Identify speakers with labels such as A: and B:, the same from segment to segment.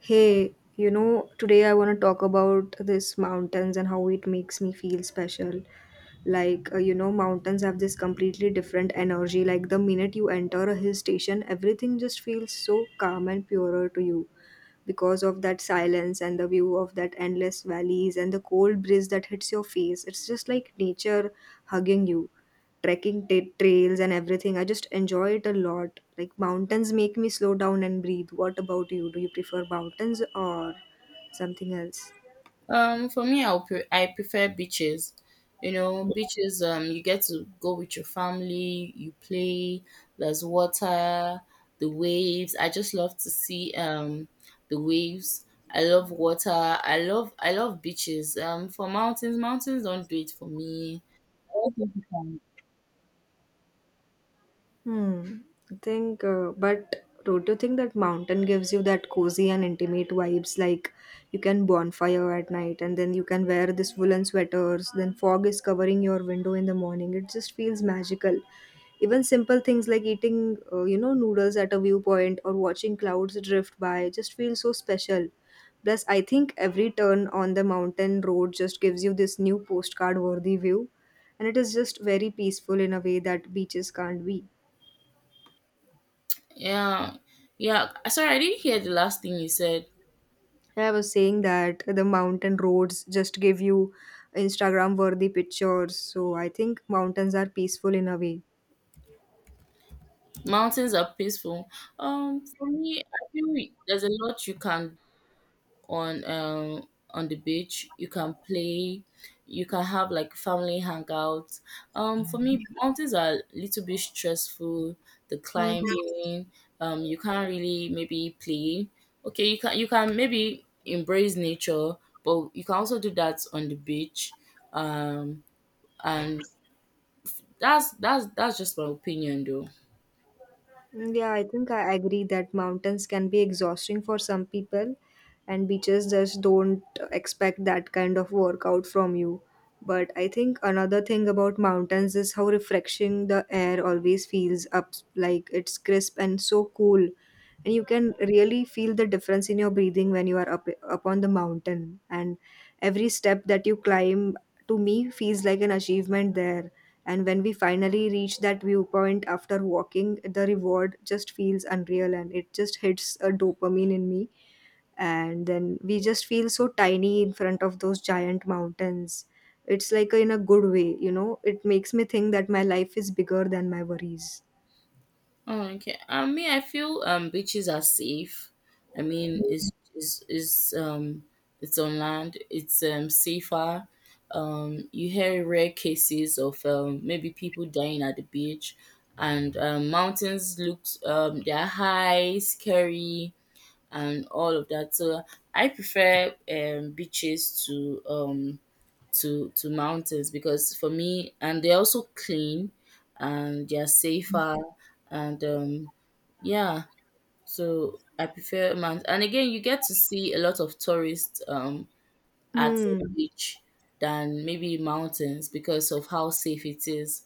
A: Hey, today I want to talk about this mountains and how it makes me feel special. Like, mountains have this completely different energy. Like, the minute you enter a hill station, everything just feels so calm and purer to you because of that silence and the view of that endless valleys and the cold breeze that hits your face. It's just like nature hugging you trekking ta trails and everything. I just enjoy it a lot. Like mountains make me slow down and breathe. What about you? Do you prefer mountains or something else?
B: For me, I prefer beaches. You know, beaches. You get to go with your family. You play. There's water, the waves. I just love to see the waves. I love water. I love beaches. For mountains don't do it for me. I don't think you can-
A: Hmm. I think, but don't you think that mountain gives you that cozy and intimate vibes? Like you can bonfire at night, and then you can wear this woolen sweaters. Then fog is covering your window in the morning. It just feels magical. Even simple things like eating, noodles at a viewpoint or watching clouds drift by just feels so special. Plus, I think every turn on the mountain road just gives you this new postcard worthy view, and it is just very peaceful in a way that beaches can't be.
B: Yeah, yeah. Sorry, I didn't hear the last thing you said.
A: Yeah, I was saying that the mountain roads just give you Instagram worthy pictures. So I think mountains are peaceful in a way.
B: Mountains are peaceful. For me, I feel there's a lot you can, on the beach you can play, you can have like family hangouts. For me, mountains are a little bit stressful, the
A: Hmm.
B: climbing. You can't really maybe play. Okay, you can maybe embrace nature, but you can also do that on the beach. Um and that's just my opinion though.
A: Mm, yeah, I think I agree that mountains can be exhausting for some people, and beaches just don't expect that kind of workout from you. But I think another thing about mountains is how refreshing the air always feels up like it's crisp and so cool. And you can really feel the difference in your breathing when you are up upon the mountain. And every step that you climb to me feels like an achievement there, and when we finally reach that viewpoint after walking, the reward just feels unreal and it just hits a dopamine in me. And then we just feel so tiny in front of those giant mountains. It's like in a good way, you know, it makes me think that my life is bigger than my worries.
B: Oh, okay. I mean, I feel beaches are safe. I mean, it's on land. It's safer. You hear rare cases of maybe people dying at the beach, and mountains looks they're high, scary, and all of that. So I prefer beaches to mountains, because for me, and they're also clean, and they're safer, and yeah. So I prefer mountains. And again, you get to see a lot of tourists at the
A: Hmm.
B: beach than maybe mountains, because of how safe it is.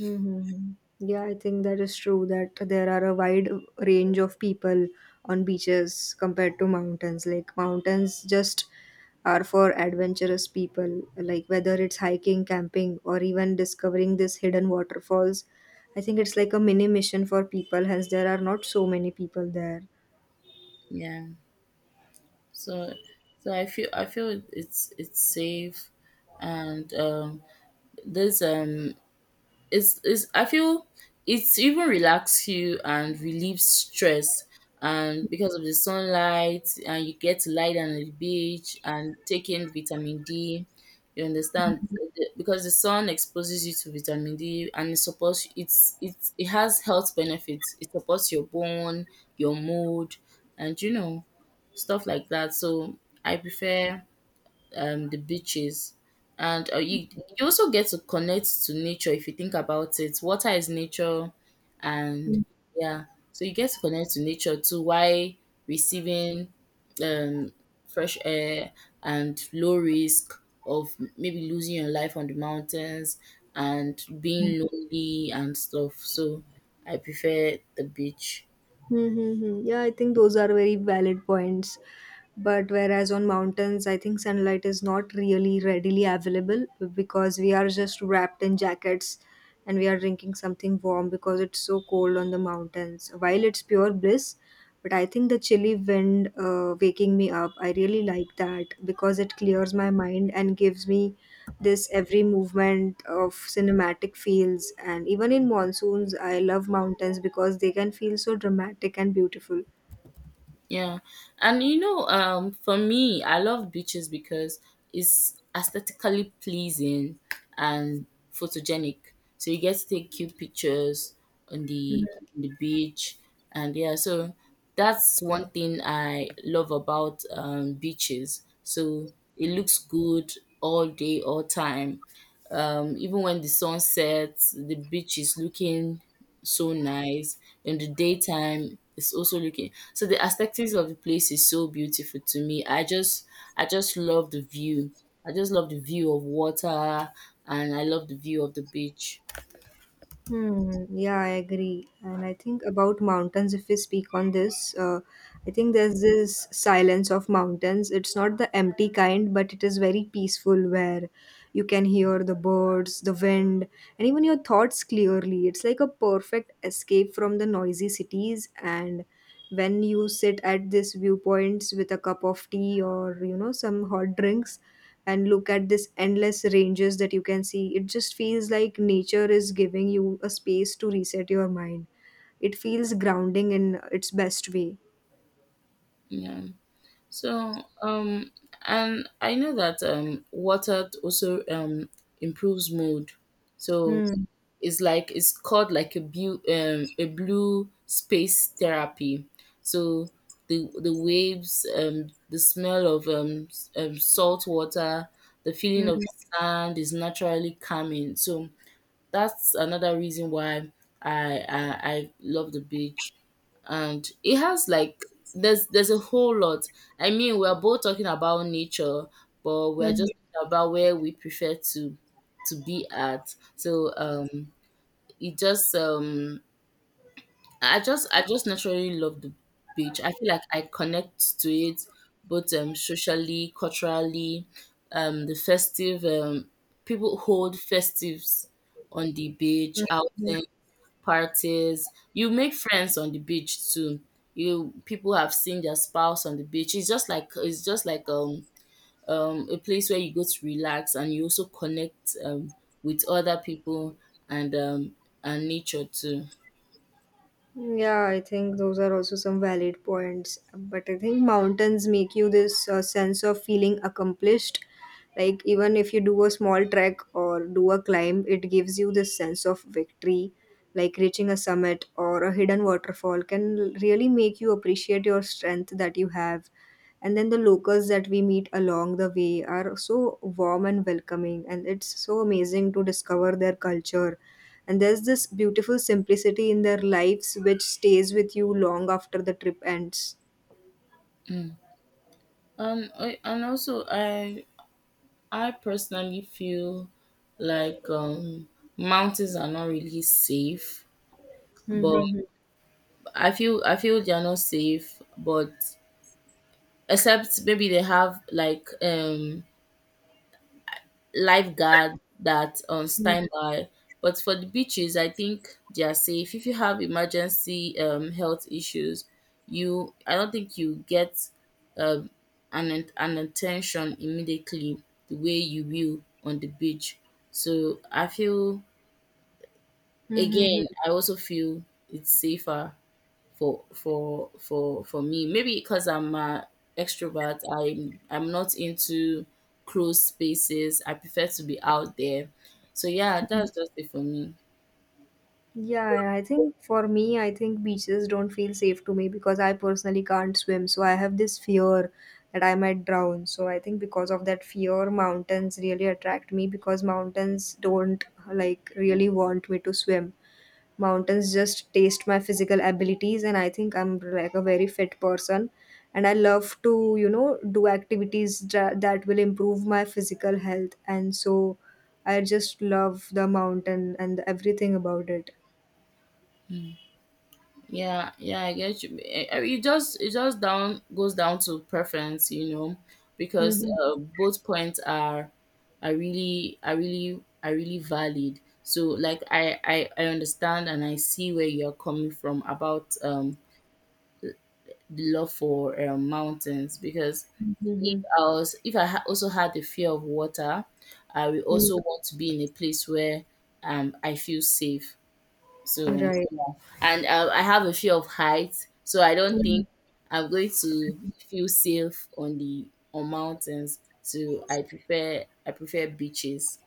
A: Mhm. Yeah, I think that is true that there are a wide range of people on beaches compared to mountains. Like mountains just are for adventurous people, like whether it's hiking, camping, or even discovering this hidden waterfalls. I think it's like a mini mission for people, hence there are not so many people there.
B: Yeah, so so I feel it's safe. And there's it's, I feel, it even relax you and relieves stress. And because of the sunlight, and you get to lie down on the beach and take in vitamin D. You understand, because the sun exposes you to vitamin D, and it supports, it has health benefits. It supports your bone, your mood, and stuff like that. So I prefer the beaches. And you also get to connect to nature if you think about it. Water is nature, and yeah, so you get to connect to nature too, while receiving um, fresh air, and low risk of maybe losing your life on the mountains and being lonely and stuff. So I prefer the beach.
A: Mm-hmm. Yeah, I think those are very valid points. But whereas on mountains, I think sunlight is not really readily available because we are just wrapped in jackets and we are drinking something warm because it's so cold on the mountains. While it's pure bliss, but I think the chilly wind waking me up, I really like that because it clears my mind and gives me this every movement of cinematic fields, and even in monsoons I love mountains because they can feel so dramatic and beautiful.
B: Yeah. And for me, I love beaches because it's aesthetically pleasing and photogenic. So you get to take cute pictures on the beach. And yeah, so that's one thing I love about beaches. So it looks good all day, all time. Even when the sun sets, the beach is looking so nice. In the daytime it's also looking so, the aesthetics of the place is so beautiful to me. I just love the view. I just love the view of water, and I love the view of the beach.
A: Hmm, yeah, I agree. And I think about mountains, if we speak on this, I think there's this silence of mountains. It's not the empty kind, but it is very peaceful where you can hear the birds, the wind, and even your thoughts clearly. It's like a perfect escape from the noisy cities. And when you sit at these viewpoints with a cup of tea or, you know, some hot drinks, and look at this endless ranges that you can see, it just feels like nature is giving you a space to reset your mind. It feels grounding in its best way.
B: Yeah. So um and I know that water also improves mood. So
A: Hmm.
B: is like, it's called like a blue space therapy. So the waves, the smell of salt water, the
A: Hmm.
B: feeling of sand is naturally calming. So that's another reason why I love the beach. And it has like, there's a whole lot. I mean, we're both talking about nature, but we're
A: Hmm.
B: just talking about where we prefer to be at. So it just I just naturally love the beach. I feel like I connect to it both socially, culturally, the festive, people hold festives on the beach,
A: Hmm.
B: outing, parties. You make friends on the beach too. You, people have seen their spouse on the beach. It's just like, a place where you go to relax, and you also connect with other people, and um and nature too.
A: Yeah, I think those are also some valid points. But I think mountains make you this sense of feeling accomplished. Like, even if you do a small trek or do a climb, it gives you this sense of victory. Like, reaching a summit or a hidden waterfall can really make you appreciate your strength that you have, and then the locals that we meet along the way are so warm and welcoming, and it's so amazing to discover their culture, and there's this beautiful simplicity in their lives which stays with you long after the trip ends.
B: And also, I personally feel like, mountains are not really safe. But
A: Mm-hmm.
B: I feel they are not safe. But except maybe they have like lifeguard that, stand by. But for the beaches, I think they are safe. If you have emergency, health issues, you I don't think you get um, an attention immediately the way you will on the beach. So I feel,
A: Mhm.
B: again, I also feel it's safer for me. Maybe because I'm a extrovert, I'm not into closed spaces. I prefer to be out there. So yeah, that's just it for me.
A: Yeah, I think for me, I think beaches don't feel safe to me because I personally can't swim. So I have this fear that I might drown. So I think because of that fear, mountains really attract me because mountains don't like really want me to swim. Mountains just taste my physical abilities, and I think I'm like a very fit person. And I love to, you know, do activities that will improve my physical health. And so I just love the mountain and everything about it.
B: Yeah, yeah, I get you. Eh, eh, it just down goes down to preference, because
A: Mhm,
B: both points are really valid. So like, I understand, and I see where you're coming from about the love for mountains. Because If
A: mhm,
B: I was if I ha- also had the fear of water, I will
A: mhm.
B: also want to be in a place where I feel safe. So
A: Right.
B: yeah. And I have a fear of heights, so I don't think
A: Mm.
B: I'm going to feel safe on the on mountains. So I prefer beaches.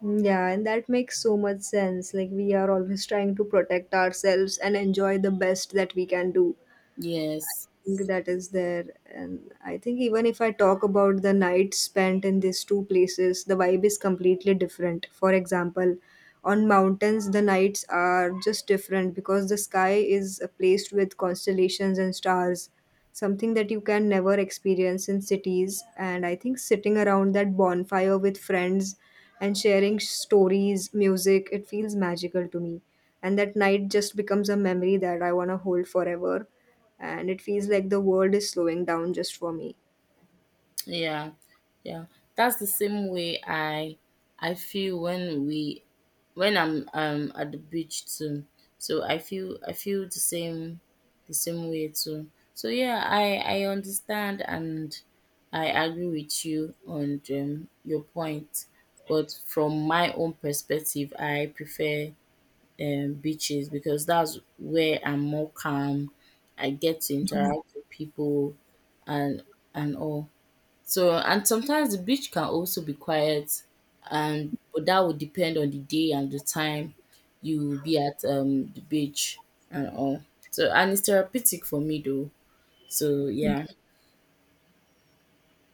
A: Yeah, and that makes so much sense. Like, we are always trying to protect ourselves and enjoy the best that we can do.
B: Yes.
A: Think that is there, and I think even if I talk about the nights spent in these two places, the vibe is completely different. For example, on mountains the nights are just different because the sky is placed with constellations and stars, something that you can never experience in cities. And I think sitting around that bonfire with friends and sharing stories, music, it feels magical to me, and that night just becomes a memory that I want to hold forever, and it feels like the world is slowing down just for me.
B: Yeah, yeah. That's the same way I feel when we when I'm at the beach too. So I feel the same way too. So yeah, I understand, and I agree with you on, your point. But from my own perspective, I prefer beaches, because that's where I'm more calm. I get to interact with people, and and all. So, and sometimes the beach can also be quiet, and but that would depend on the day and the time you will be at the beach and all. So, and it's therapeutic for me though. So yeah.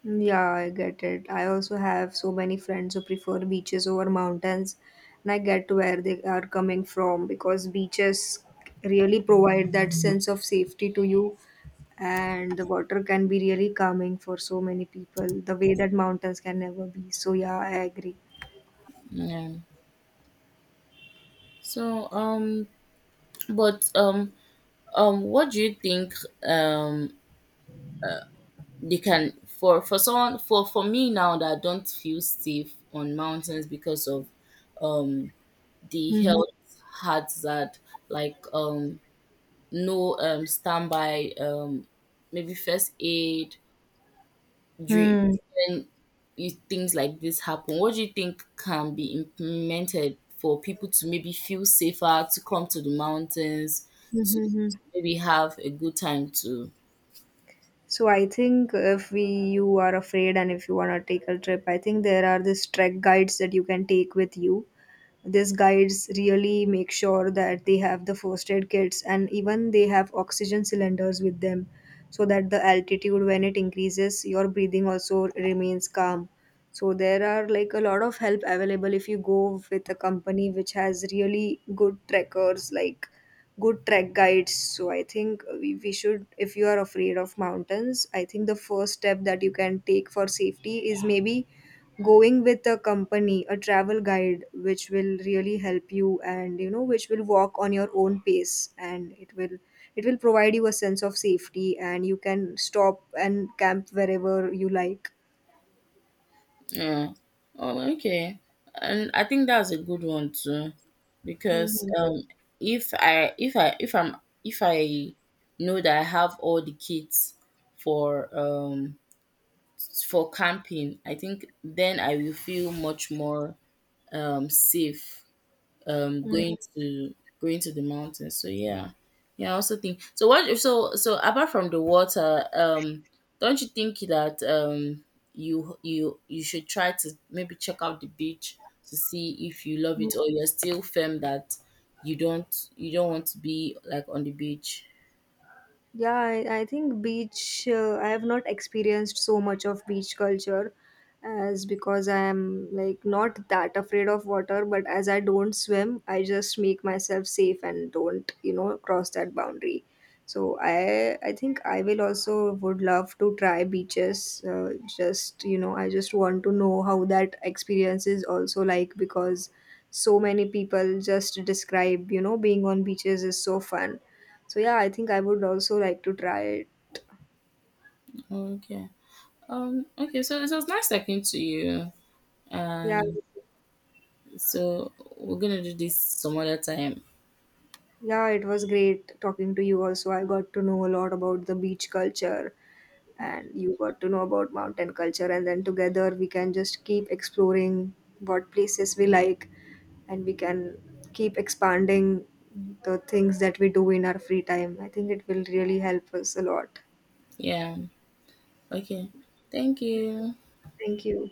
A: Yeah, I get it. I also have so many friends who prefer beaches over mountains, and I get where they are coming from because beaches really provide that sense of safety to you, and the water can be really calming for so many people, the way that mountains can never be. So, yeah, I agree.
B: Yeah. So but what do you think, um they can, for someone, for me, now that I don't feel safe on mountains because of, um the
A: Mm-hmm.
B: health hazard, like no, standby, maybe first aid drink, when things like this happen? What do you think can be implemented for people to maybe feel safer to come to the mountains, to
A: Mm-hmm.
B: maybe have a good time too?
A: So I think if we you are afraid and if you want to take a trip, I think there are these trek guides that you can take with you. These guides really make sure that they have the first aid kits, and even they have oxygen cylinders with them so that the altitude when it increases your breathing also remains calm. So there are like a lot of help available if you go with a company which has really good trekkers, like good trek guides. So I think we should if you are afraid of mountains, I think the first step that you can take for safety is maybe going with a company, a travel guide which will really help you, and you know, which will walk on your own pace, and it will provide you a sense of safety, and you can stop and camp wherever you like.
B: Yeah, oh okay. And I think that's a good one too,
A: Hmm.
B: because, if i if i if i'm if I know that I have all the kits for, for camping, I think then I will feel much more, safe, going to the mountains. So yeah, yeah. I also think so. What So apart from the water, don't you think that, you should try to maybe check out the beach to see if you love it, or you're still firm that you don't want to be like on the beach?
A: Yeah, I think beach, I have not experienced so much of beach culture as because I am like not that afraid of water, but as I don't swim, I just make myself safe and don't, you know, cross that boundary. So I think I will also would love to try beaches. Just, you know, I just want to know how that experience is also like because so many people just describe, you know, being on beaches is so fun. So yeah, I think I would also like to try it.
B: Okay. Okay. So it was nice talking to you.
A: Yeah,
B: And, so we're gonna do this some other time.
A: yeah, it was great talking to you also. I got to know a lot about the beach culture, and you got to know about mountain culture, and then together we can just keep exploring what places we like, and we can keep expanding the things that we do in our free time. I think it will really help us a lot.
B: Yeah. Okay. Thank you.
A: Thank you.